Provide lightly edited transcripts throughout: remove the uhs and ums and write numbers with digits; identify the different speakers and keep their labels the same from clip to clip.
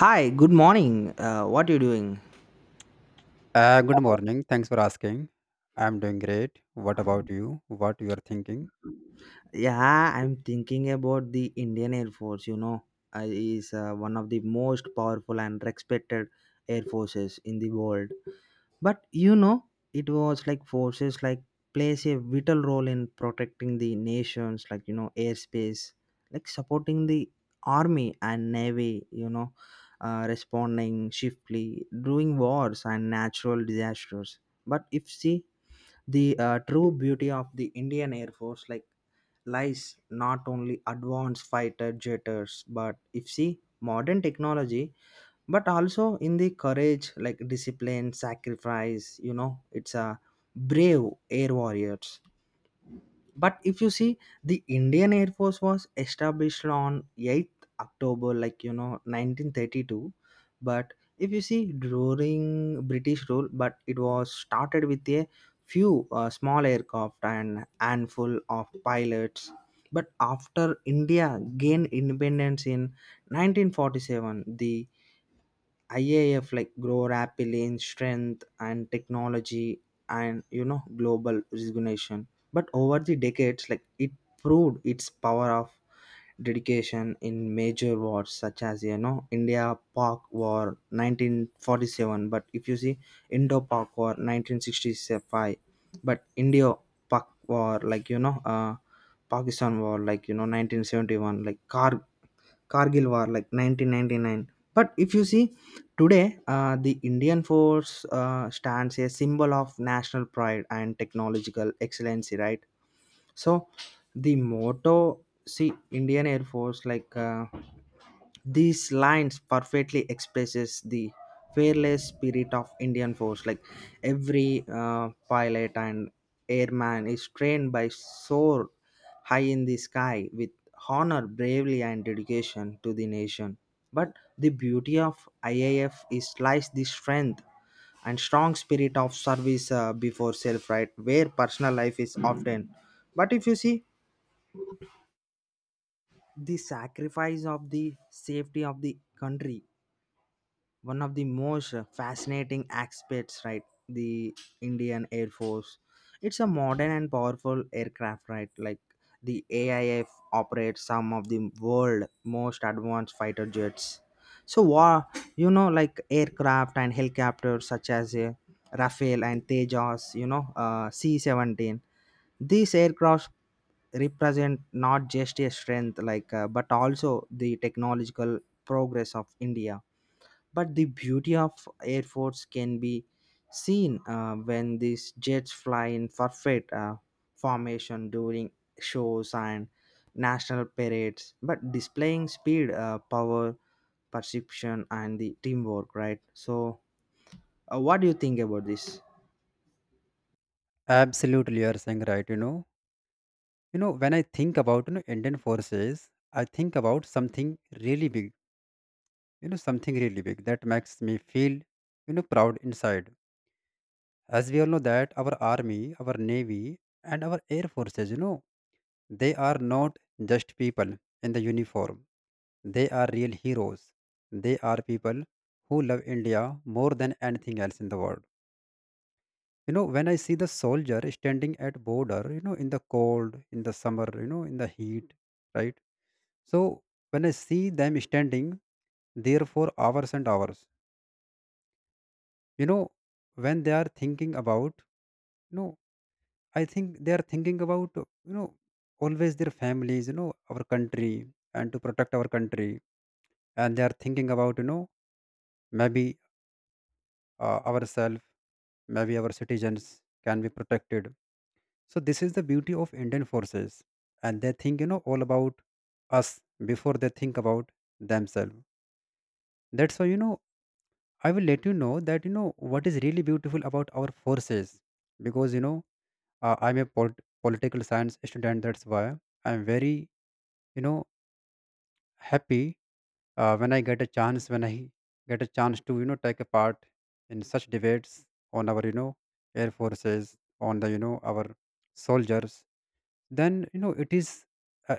Speaker 1: Hi, good morning. What you doing?
Speaker 2: Good morning. Thanks for asking. I'm doing great. What about you? What you are thinking?
Speaker 1: Yeah, I'm thinking about the Indian Air Force. You know, is One of the most powerful and respected air forces in the world. But you know, it was like forces like plays a vital role in protecting the nations, like you know, airspace, like supporting the army and navy. Responding swiftly during wars and natural disasters. But if see the true beauty of the indian air force like lies not only advanced fighter jeters but if see modern technology, but also in the courage, like discipline, sacrifice, you know, it's a brave air warriors. But if you see, the indian air force was established on 8th october, like you know, 1932. But if you see, during british rule, but it was started with a few small aircraft and handful of pilots. But after india gained independence in 1947, the IAF like grow rapidly in strength and technology and you know global recognition. But over the decades, like it proved its power of dedication in major wars, such as you know India Pak War 1947. But if you see, Indo Pak War 1965, but India Pak War, Pakistan War, like you know, 1971, like Kargil war, like 1999. But if you see today, the Indian force stands a symbol of national pride and technological excellency, right? So the motto, see Indian Air Force, these lines perfectly expresses the fearless spirit of Indian force. Like every pilot and airman is trained by soar high in the sky with honor, bravery and dedication to the nation. But the beauty of IAF is lies the strength and strong spirit of service before self, right? Where personal life is often. But if you see, the sacrifice of the safety of the country, one of the most fascinating aspects, right? The indian air force, it's a modern and powerful aircraft, right? Like the aif operates some of the world most advanced fighter jets, so war, you know, like aircraft and helicopters such as a rafale and tejas, you know, C-17. These aircrafts represent not just a strength, but also the technological progress of india. But the beauty of airports can be seen when these jets fly in perfect formation during shows and national parades, but displaying speed, power, perception and the teamwork, right? So what do you think about this?
Speaker 2: Absolutely, you are saying right. When I think about Indian forces, I think about something really big. Something really big that makes me feel proud inside. As we all know that our army, our navy, and our air forces, they are not just people in the uniform. They are real heroes. They are people who love India more than anything else in the world. When I see the soldier standing at border, in the cold, in the summer, in the heat, right? So when I see them standing there for hours and hours, you know, when they are thinking about, you know, I think they are thinking about always their families, our country and to protect our country, and they are thinking about maybe ourselves, maybe our citizens can be protected. So this is the beauty of Indian forces, and they think all about us before they think about themselves. That's why I will let you know that what is really beautiful about our forces, because I'm a political science student. That's why I'm very you know happy when I get a chance to take a part in such debates on our air forces, on the our soldiers. Then it is uh,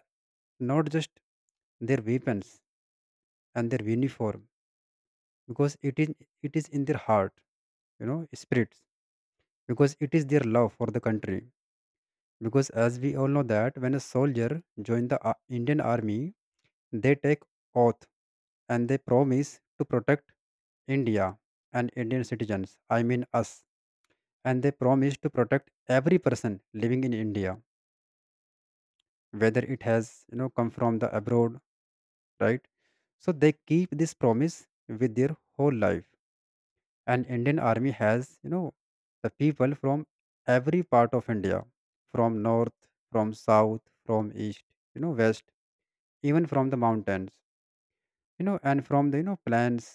Speaker 2: not just their weapons and their uniform, because it is in their heart, spirits, because it is their love for the country, because as we all know that when a soldier joined the Indian army, they take oath and they promise to protect India and Indian citizens, I mean us, and they promise to protect every person living in India, whether it has come from the abroad, right? So they keep this promise with their whole life. And Indian army has the people from every part of India, from north, from south, from east, west, even from the mountains. And from the plants,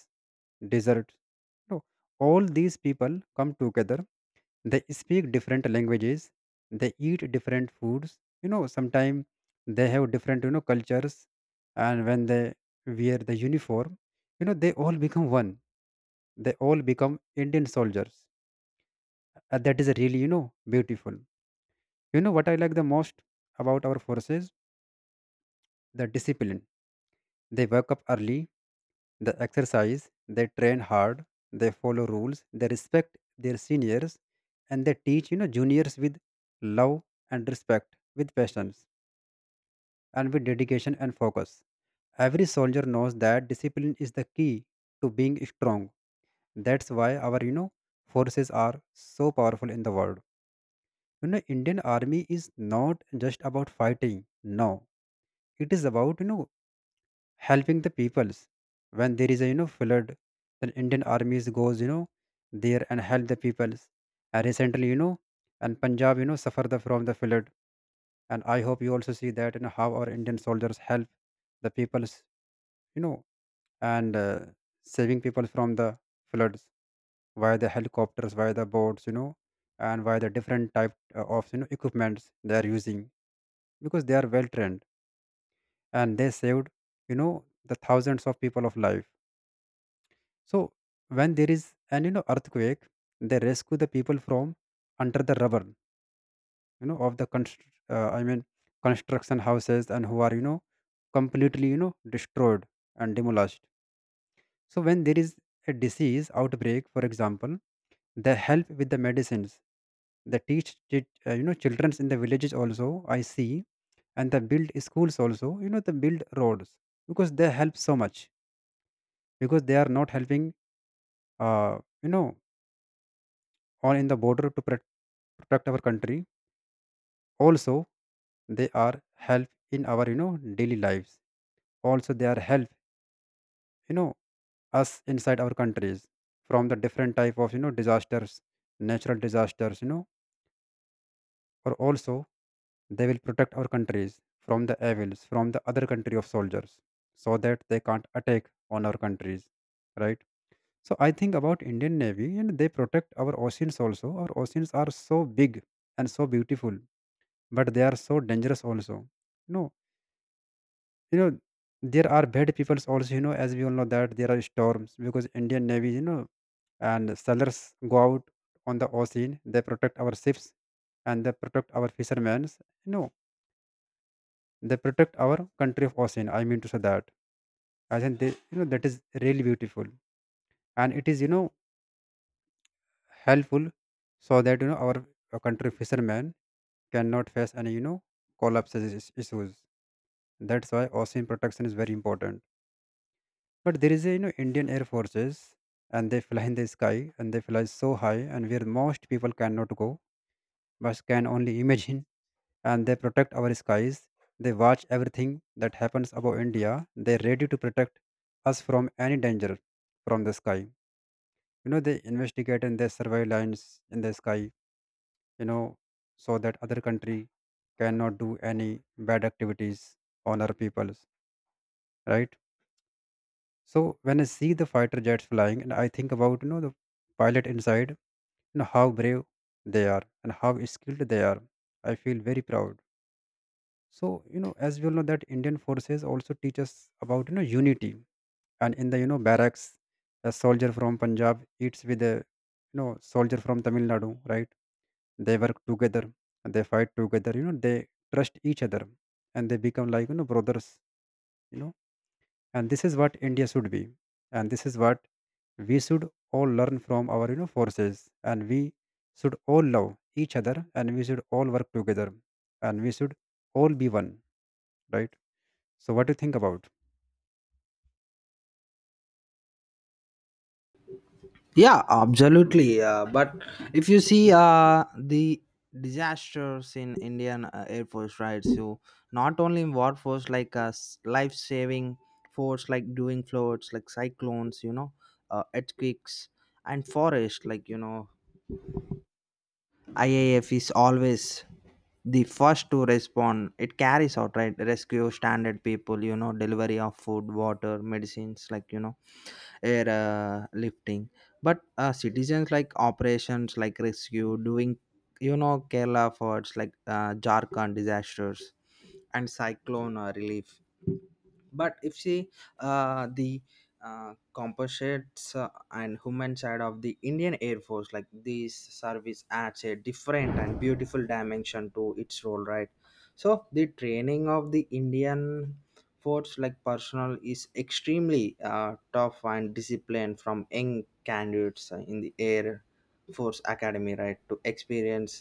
Speaker 2: deserts, all these people come together. They speak different languages, they eat different foods, sometimes they have different cultures. And when they wear the uniform, they all become one. They all become Indian soldiers, and that is really beautiful. What I like the most about our forces: the discipline. They wake up early. They exercise, they train hard, they follow rules, they respect their seniors, and they teach juniors with love and respect, with patience and with dedication and focus. Every soldier knows that discipline is the key to being strong. That's why our forces are so powerful in the world. Indian army is not just about fighting. No, it is about helping the peoples. When there is a flood, then Indian armies goes there and help the peoples. And recently, and Punjab suffer the, from the flood, and I hope you also see that how our Indian soldiers help the peoples, you know and saving people from the floods via the helicopters, via the boats, and via the different type of equipments they are using, because they are well trained, and they saved, you know the thousands of people of life. So when there is an earthquake, they rescue the people from under the rubble, of the I mean construction houses and who are completely destroyed and demolished. So when there is a disease outbreak, for example, they help with the medicines. They teach childrens in the villages also. I see, and they build schools also. They build roads, because they help so much, because they are not helping. You know on in the border to protect our country. Also, they are help in our daily lives. Also, they are help you know us inside our countries from the different type of disasters, natural disasters. Or also, they will protect our countries from the evils from the other country of soldiers, so that they can't attack on our countries, right? So I think about Indian Navy, and they protect our oceans also. Our oceans are so big and so beautiful, but they are so dangerous also. you know you know there are bad peoples also. As we all know that there are storms, because Indian navy, and sailors, go out on the ocean. They protect our ships, and they protect our fishermen. They protect our country of ocean, I mean to say that I think they, that is really beautiful. And it is, helpful, so that our country fishermen cannot face any collapses issues. That's why ocean protection is very important. But there is a Indian Air Forces, and they fly in the sky, and they fly so high and where most people cannot go but can only imagine, and they protect our skies. They watch everything that happens above India. They're ready to protect us from any danger from the sky. They investigate and they survey lines in the sky, you know, so that other country cannot do any bad activities on our peoples, right? So when I see the fighter jets flying, and I think about the pilot inside, how brave they are and how skilled they are. I feel very proud. So, as we all know, that Indian forces also teach us about unity. And in the barracks, a soldier from Punjab eats with a soldier from Tamil Nadu, right? They work together, and they fight together. They trust each other, and they become like brothers. You know and this is what India should be, and this is what we should all learn from our forces. And we should all love each other, and we should all work together, and we should all be one, right? So what do you think about?
Speaker 1: Yeah, absolutely. But if you see the disasters in Indian Air Force, right? So not only in war force, life saving force, like doing floods, like cyclones, you know, earthquakes and forest, like you know, IAF is always the first to respond. It carries out right rescue standard people, you know, delivery of food, water, medicines, like you know air lifting, but citizens like operations like rescue doing, you know, kerala efforts like jharkhand disasters and cyclone relief. But if see the composites and human side of the indian air force, like this service adds a different and beautiful dimension to its role, right? So the training of the indian force like personnel is extremely tough and disciplined, from young candidates in the air force academy, right, to experience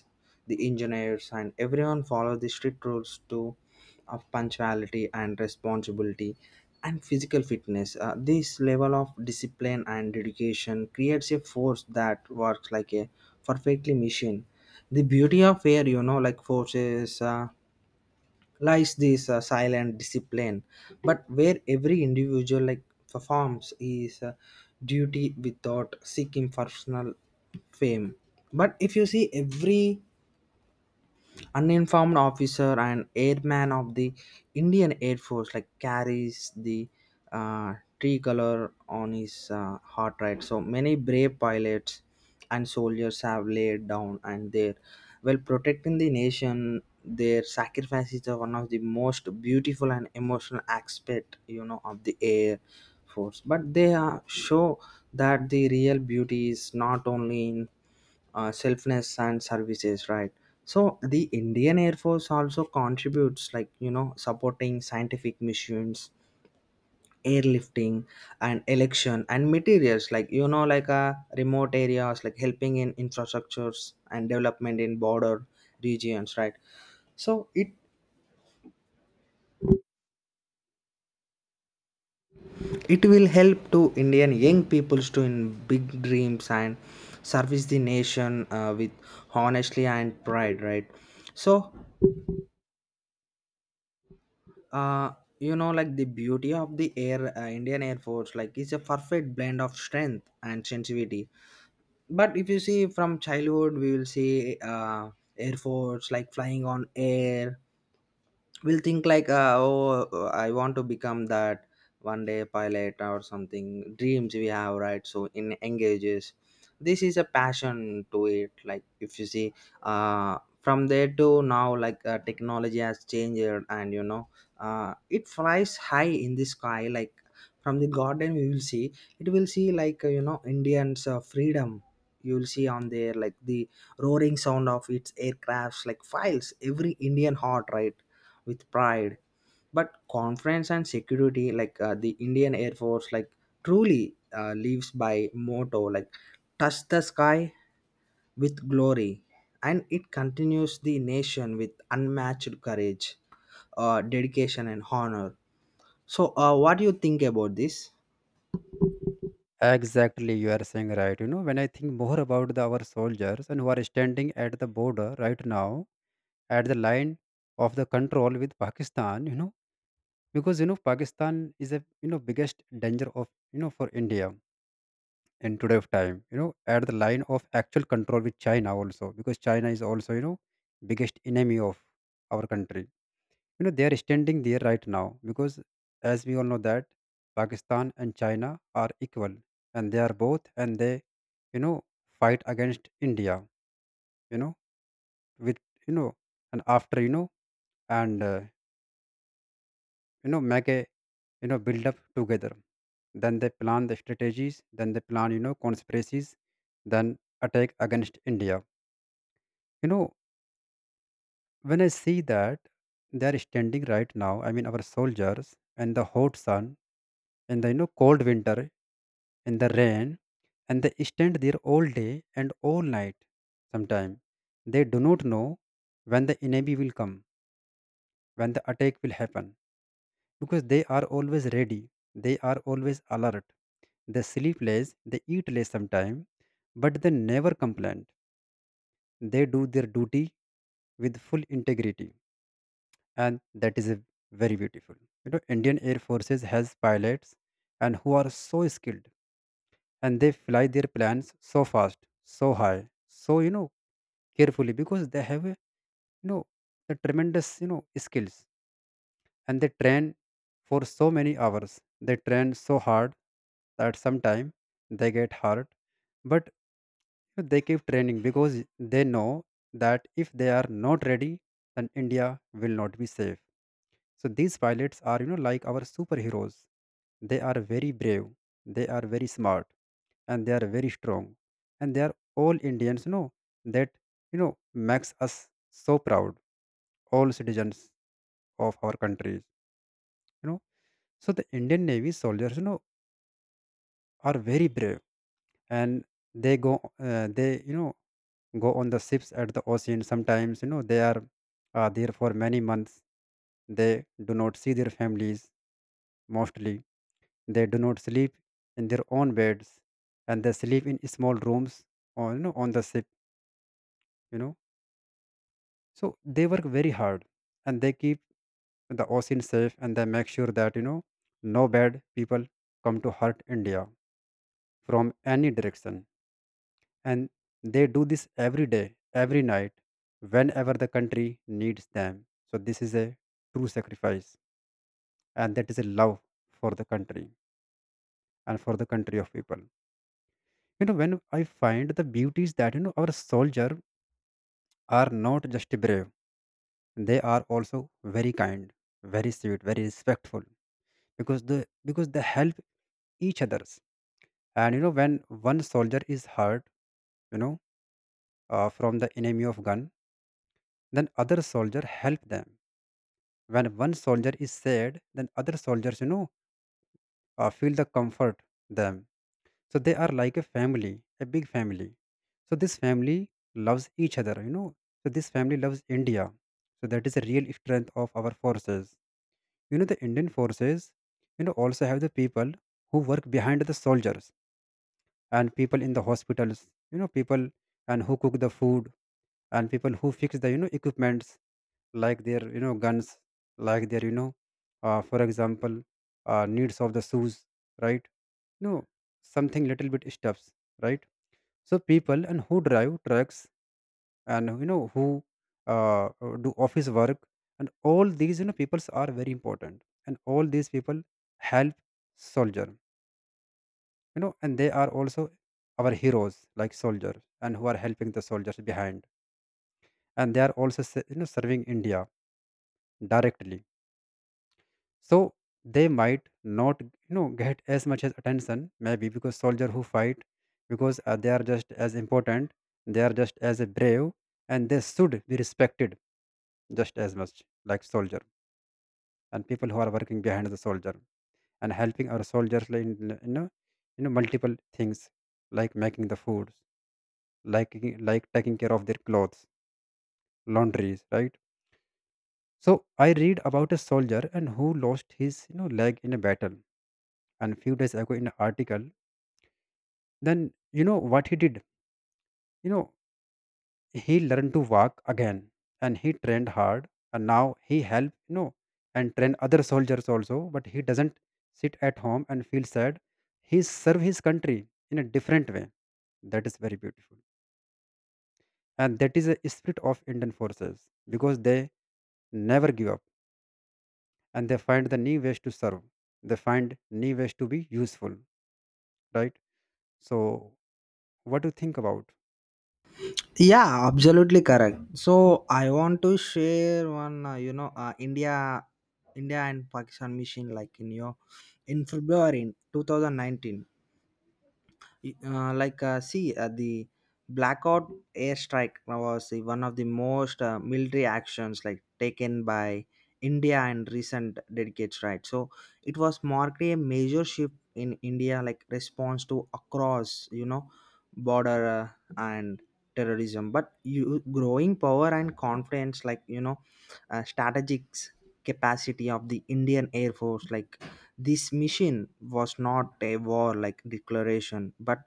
Speaker 1: the engineers, and everyone follow the strict rules to of punctuality and responsibility and physical fitness. This level of discipline and dedication creates a force that works like a perfectly machine. The beauty of air, you know, like forces, lies this silent discipline, but where every individual like performs his duty without seeking personal fame. But if you see, every uninformed officer and airman of the Indian Air Force like carries the uh, tricolor on his heart, right? So many brave pilots and soldiers have laid down and their while protecting the nation, their sacrifices are one of the most beautiful and emotional aspect, you know, of the air force. But they are show that the real beauty is not only in selfness and services, right? So the indian air force also contributes, like you know, supporting scientific missions, airlifting and election and materials, like you know, like remote areas, like helping in infrastructures and development in border regions, right? So it will help to indian young peoples to in big dreams and service the nation with honestly and pride, right? So uh you know, like the beauty of the air, indian air force like is a perfect blend of strength and sensitivity. But if you see, from childhood we will see air force like flying on air, we'll think like I want to become that one day pilot or something, dreams we have, right? So in engages, this is a passion to it. Like if you see from there to now, like technology has changed and you know it flies high in the sky, like from the garden we will see, it will see like you know indians freedom. You will see on there like the roaring sound of its aircrafts like files every indian heart, right, with pride but confidence and security. Like the indian air force like truly lives by motto like touch the sky with glory, and it continues the nation with unmatched courage, dedication, and honor. So, what do you think about this?
Speaker 2: Exactly, you are saying right. When I think more about the our soldiers and who are standing at the border right now at the line of the control with Pakistan, because Pakistan is a biggest danger of for India in today of time, at the line of actual control with China also, because China is also biggest enemy of our country. They are standing there right now, because as we all know that Pakistan and China are equal, and they are both, and they you know fight against India, you know with, you know and after, and make a, build up together. Then they plan the strategies, then they plan conspiracies, then attack against India. You know, when I see that they are standing right now, I mean, our soldiers and the hot sun and the cold winter and the rain, and they stand there all day and all night sometime. They do not know when the enemy will come, when the attack will happen, because they are always ready, they are always alert. They sleep less, they eat less sometime, but they never complain. They do their duty with full integrity, and that is a very beautiful. Indian air forces has pilots and who are so skilled, and they fly their planes so fast, so high, so carefully, because they have a, know a tremendous, skills. And they train for so many hours, they train so hard that sometime they get hurt, but they keep training because they know that if they are not ready, then India will not be safe. So these pilots are, like our superheroes. They are very brave, they are very smart, and they are very strong. And they are all Indians, that, makes us so proud, all citizens of our countries, you know. So the Indian Navy soldiers, are very brave, and they go on the ships at the ocean. Sometimes, they are there for many months. They do not see their families, mostly. They do not sleep in their own beds, and they sleep in small rooms on the ship. You know, so they work very hard, and they keep the ocean safe, and they make sure that no bad people come to hurt India from any direction. And they do this every day, every night, whenever the country needs them. So this is a true sacrifice, and that is a love for the country and for the country of people. When I find the beauty is that, our soldier are not just brave, they are also very kind, very sweet, very respectful because the because they help each others. And when one soldier is hurt, you know from the enemy of gun, then other soldier help them. When one soldier is sad, then other soldiers, feel the comfort them. So they are like a family, a big family. So this family loves each other, so this family loves India. So that is the real strength of our forces. The Indian forces, also have the people who work behind the soldiers, and people in the hospitals, people and who cook the food, and people who fix the, equipments, like their, guns, like their, for example, needs of the shoes, right? No, something little bit stuffs, right? So people and who drive trucks, and you know who do office work. And all these, peoples are very important, and all these people help soldier. And they are also our heroes, like soldiers and who are helping the soldiers behind, and they are also serving India directly. So they might not, get as much as attention, maybe because soldier who fight, because they are just as important, they are just as brave, and they should be respected just as much like soldier. And people who are working behind the soldier and helping our soldiers like in, you know, multiple things, like making the foods, like taking care of their clothes, laundries, right? So I read about a soldier and who lost his, leg in a battle. And few days ago in an article, then what he did? You know, he learned to walk again, and he trained hard, and now he helped, and train other soldiers also, but he doesn't sit at home and feel sad. He serve his country in a different way. That is very beautiful. And that is a spirit of Indian forces because they never give up, and they find the new ways to serve. They find new ways to be useful, right? So, what do you think about?
Speaker 1: Yeah, absolutely correct. So I want to share one, India and Pakistan mission, like in your in February in 2019. Like see The blackout airstrike was the one of the most military actions like taken by india in recent decades, right? So it was marked a major shift in india like response to across you know border and terrorism, but you growing power and confidence, like you know, strategic capacity of the indian air force. Like this mission was not a war like declaration but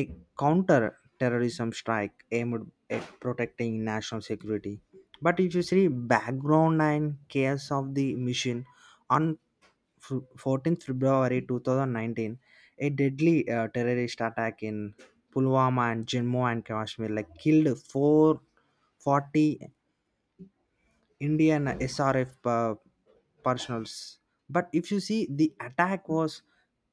Speaker 1: a counter terrorism strike aimed at protecting national security. But if you see background and chaos of the mission, on 14th February 2019, a deadly terrorist attack in Pulwama and Jammu and Kashmir like killed 440 Indian SRF personals. But if you see, the attack was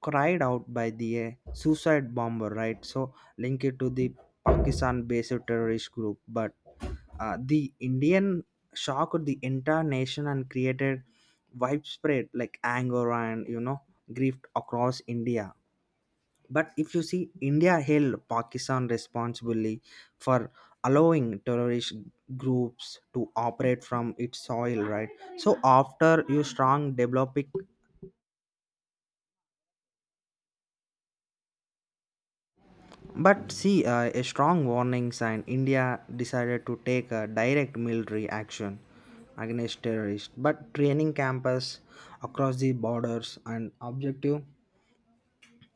Speaker 1: cried out by the suicide bomber, right? So link it to the Pakistan-based terrorist group. But the Indian shocked the entire nation and created widespread like anger and you know grief across India. But if you see, India held Pakistan responsibly for allowing terrorist groups to operate from its soil, right? So after you strong developing, but see a strong warning sign, India decided to take a direct military action against terrorists, but training campus across the borders and objective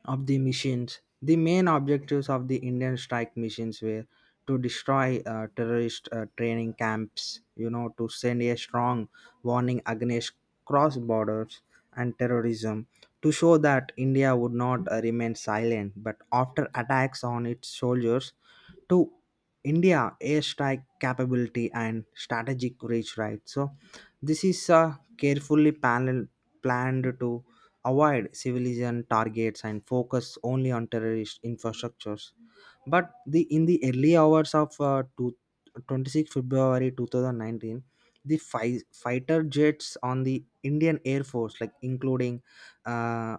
Speaker 1: of the missions. The main objectives of the Indian strike missions were to destroy terrorist training camps, you know, to send a strong warning against cross borders and terrorism, to show that India would not remain silent. But after attacks on its soldiers, to India airstrike capability and strategic reach, right? So this is carefully planned to avoid civilian targets and focus only on terrorist infrastructures. But the in the early hours of 26th February 2019, the fighter jets on the Indian Air Force, like including uh,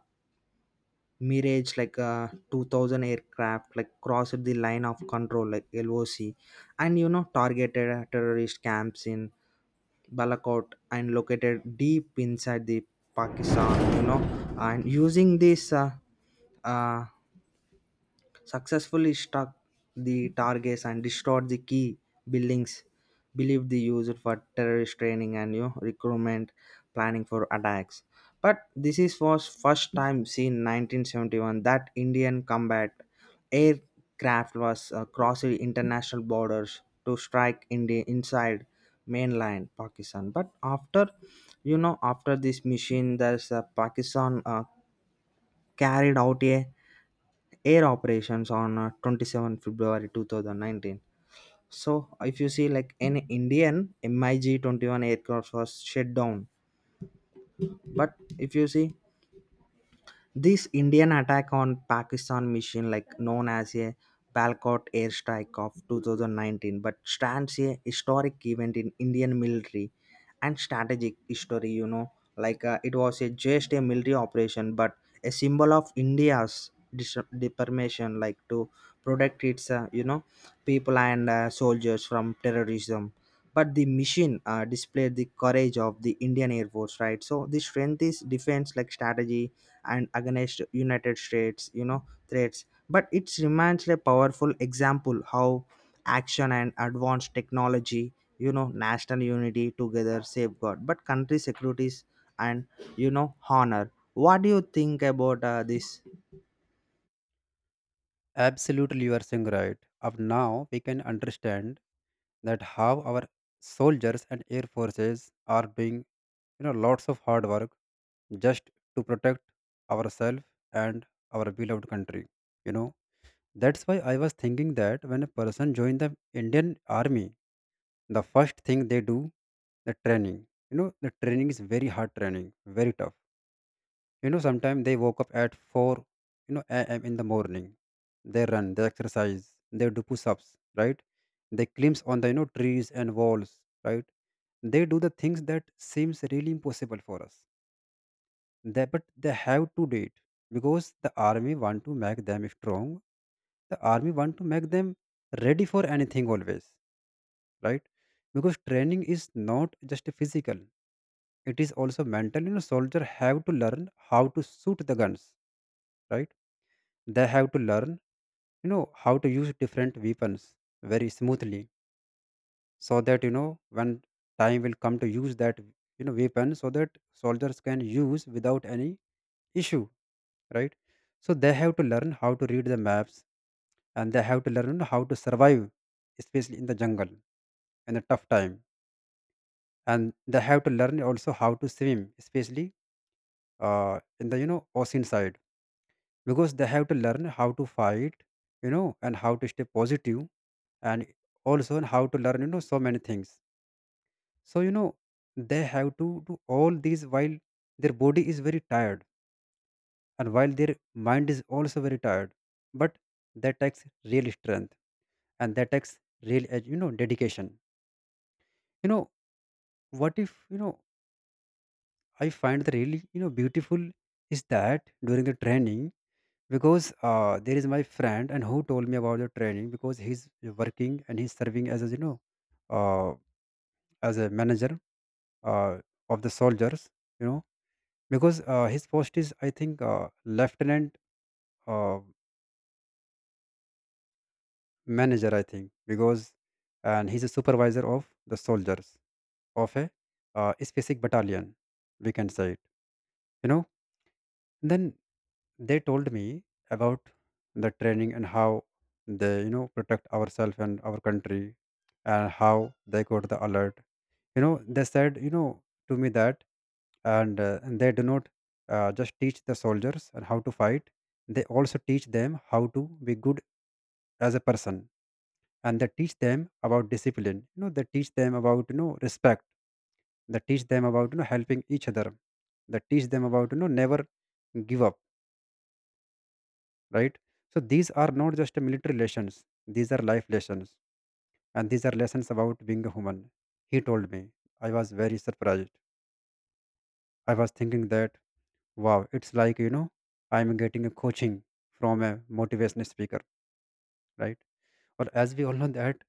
Speaker 1: Mirage like 2000 aircraft, like crossed the line of control like LOC, and you know targeted terrorist camps in Balakot and located deep inside the Pakistan, you know, and using this uh, successfully struck the targets and destroyed the key buildings believed they used for terrorist training and you know recruitment planning for attacks. But this is was first time since 1971 that Indian combat aircraft was crossing international borders to strike India inside mainland Pakistan. But after, you know, after this mission, there's Pakistan carried out a air operations on 27 February 2019. So, if you see, like an Indian MiG 21 aircraft was shut down. But if you see, this Indian attack on Pakistan mission, like known as a Balcott airstrike of 2019, but stands a historic event in Indian military and strategic history. You know, like it was a just a military operation, but a symbol of India's determination, like to protect its you know people and soldiers from terrorism. But the mission displayed the courage of the Indian Air Force, right? So the strength is defense, like strategy and against united states you know threats, but it remains a powerful example how action and advanced technology you know national unity together safeguard but country securities and you know honor. What do you think about this?
Speaker 2: Absolutely, you are saying right. Up now, we can understand that how our soldiers and air forces are doing, lots of hard work, just to protect ourselves and our beloved country. You know, that's why I was thinking that when a person joins the Indian army, the first thing they do, the training. The training is very hard training, very tough. Sometimes they woke up at 4, am in the morning. They run, they exercise, they do push-ups, right? They climb on the, trees and walls, right? They do the things that seems really impossible for us. They, but they have to do it, because the army want to make them strong, the army want to make them ready for anything always, right? Because training is not just physical, it is also mental. Soldier have to learn how to shoot the guns, right? They have to learn, how to use different weapons very smoothly, so that, when time will come to use that, weapon, so that soldiers can use without any issue, right? So they have to learn how to read the maps, and they have to learn how to survive, especially in the jungle in a tough time. And they have to learn also how to swim, especially in the, ocean side, because they have to learn how to fight, and how to stay positive, and also how to learn, so many things. So, they have to do all these while their body is very tired, and while their mind is also very tired. But that takes real strength, and that takes real dedication. you know what if you know I find the really, beautiful is that during the training, because there is my friend and who told me about the training, because he's working and he's serving as a, uh, as a manager, uh, of the soldiers, you know because his post is I think, lieutenant, uh, manager I think, because, and he's a supervisor of the soldiers of a, specific battalion, we can say it, you know Then they told me about the training and how they, protect ourselves and our country, and how they got the alert. They said, to me that, and they do not, just teach the soldiers and how to fight, they also teach them how to be good as a person. And they teach them about discipline. They teach them about, respect. They teach them about, helping each other. They teach them about, never give up, right? So these are not just military lessons, these are life lessons, and these are lessons about being a human. He told me, I was very surprised. I was thinking that, wow, it's like, I'm getting a coaching from a motivational speaker, right? Or as we all know that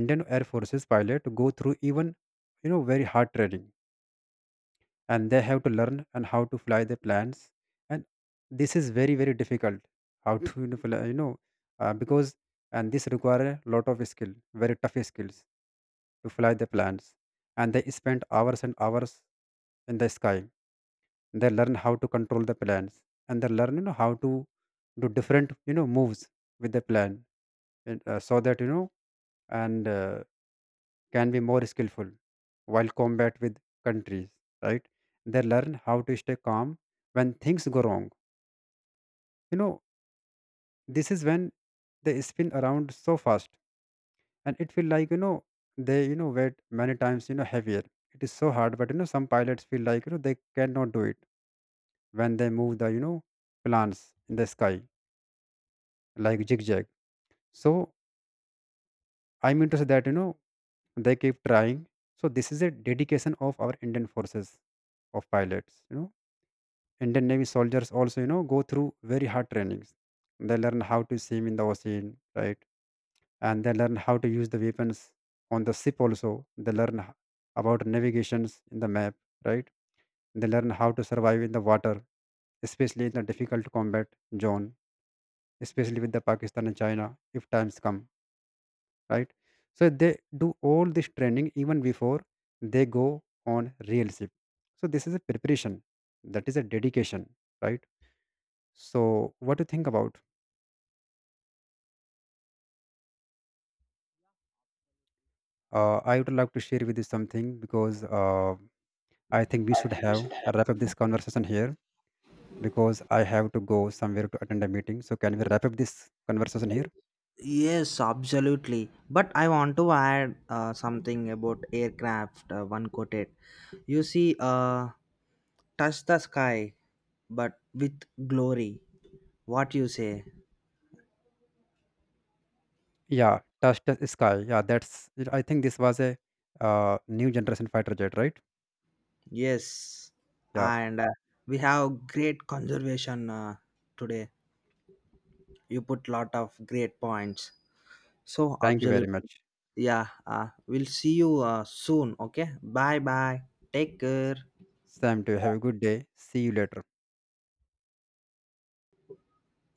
Speaker 2: Indian air forces pilot go through even, very hard training. And they have to learn and how to fly the planes, and this is very very difficult. How to, fly, because, and this require a lot of skill, very tough skills to fly the planes. And they spend hours and hours in the sky. They learn how to control the planes, and they learn, how to do different, moves with the plane, and, so that and can be more skillful while combat with countries, right? They learn how to stay calm when things go wrong. You know, this is when they spin around so fast, and it feel like, they, weight many times, heavier. It is so hard, but some pilots feel like, they cannot do it when they move the, plants in the sky, like zigzag. So I'm interested that, they keep trying. So this is a dedication of our Indian forces of pilots, Indian Navy soldiers also, go through very hard trainings. They learn how to swim in the ocean, right? And they learn how to use the weapons on the ship also. They learn about navigations in the map, right? They learn how to survive in the water, especially in the difficult combat zone, especially with the Pakistan and China if times come, right? So they do all this training even before they go on real ship. So this is a preparation, that is a dedication, right? So, what do you think about? I would like to share with you something, because I think we should have wrap up this conversation here, because I have to go somewhere to attend a meeting. So, can we wrap up this conversation here?
Speaker 1: Yes, absolutely. But I want to add something about aircraft. One quoted, you see, touch the sky, but with glory. What you say?
Speaker 2: Yeah, touch the sky. Yeah, that's it. I think this was a, new generation fighter jet, right?
Speaker 1: Yes,
Speaker 2: Yeah.
Speaker 1: and we have great conservation today. You put lot of great points. So
Speaker 2: Thank you very
Speaker 1: absolutely,
Speaker 2: much,
Speaker 1: yeah. We'll see you soon. Okay, bye bye. Take care.
Speaker 2: Sam. To you. Have a good day. See you later.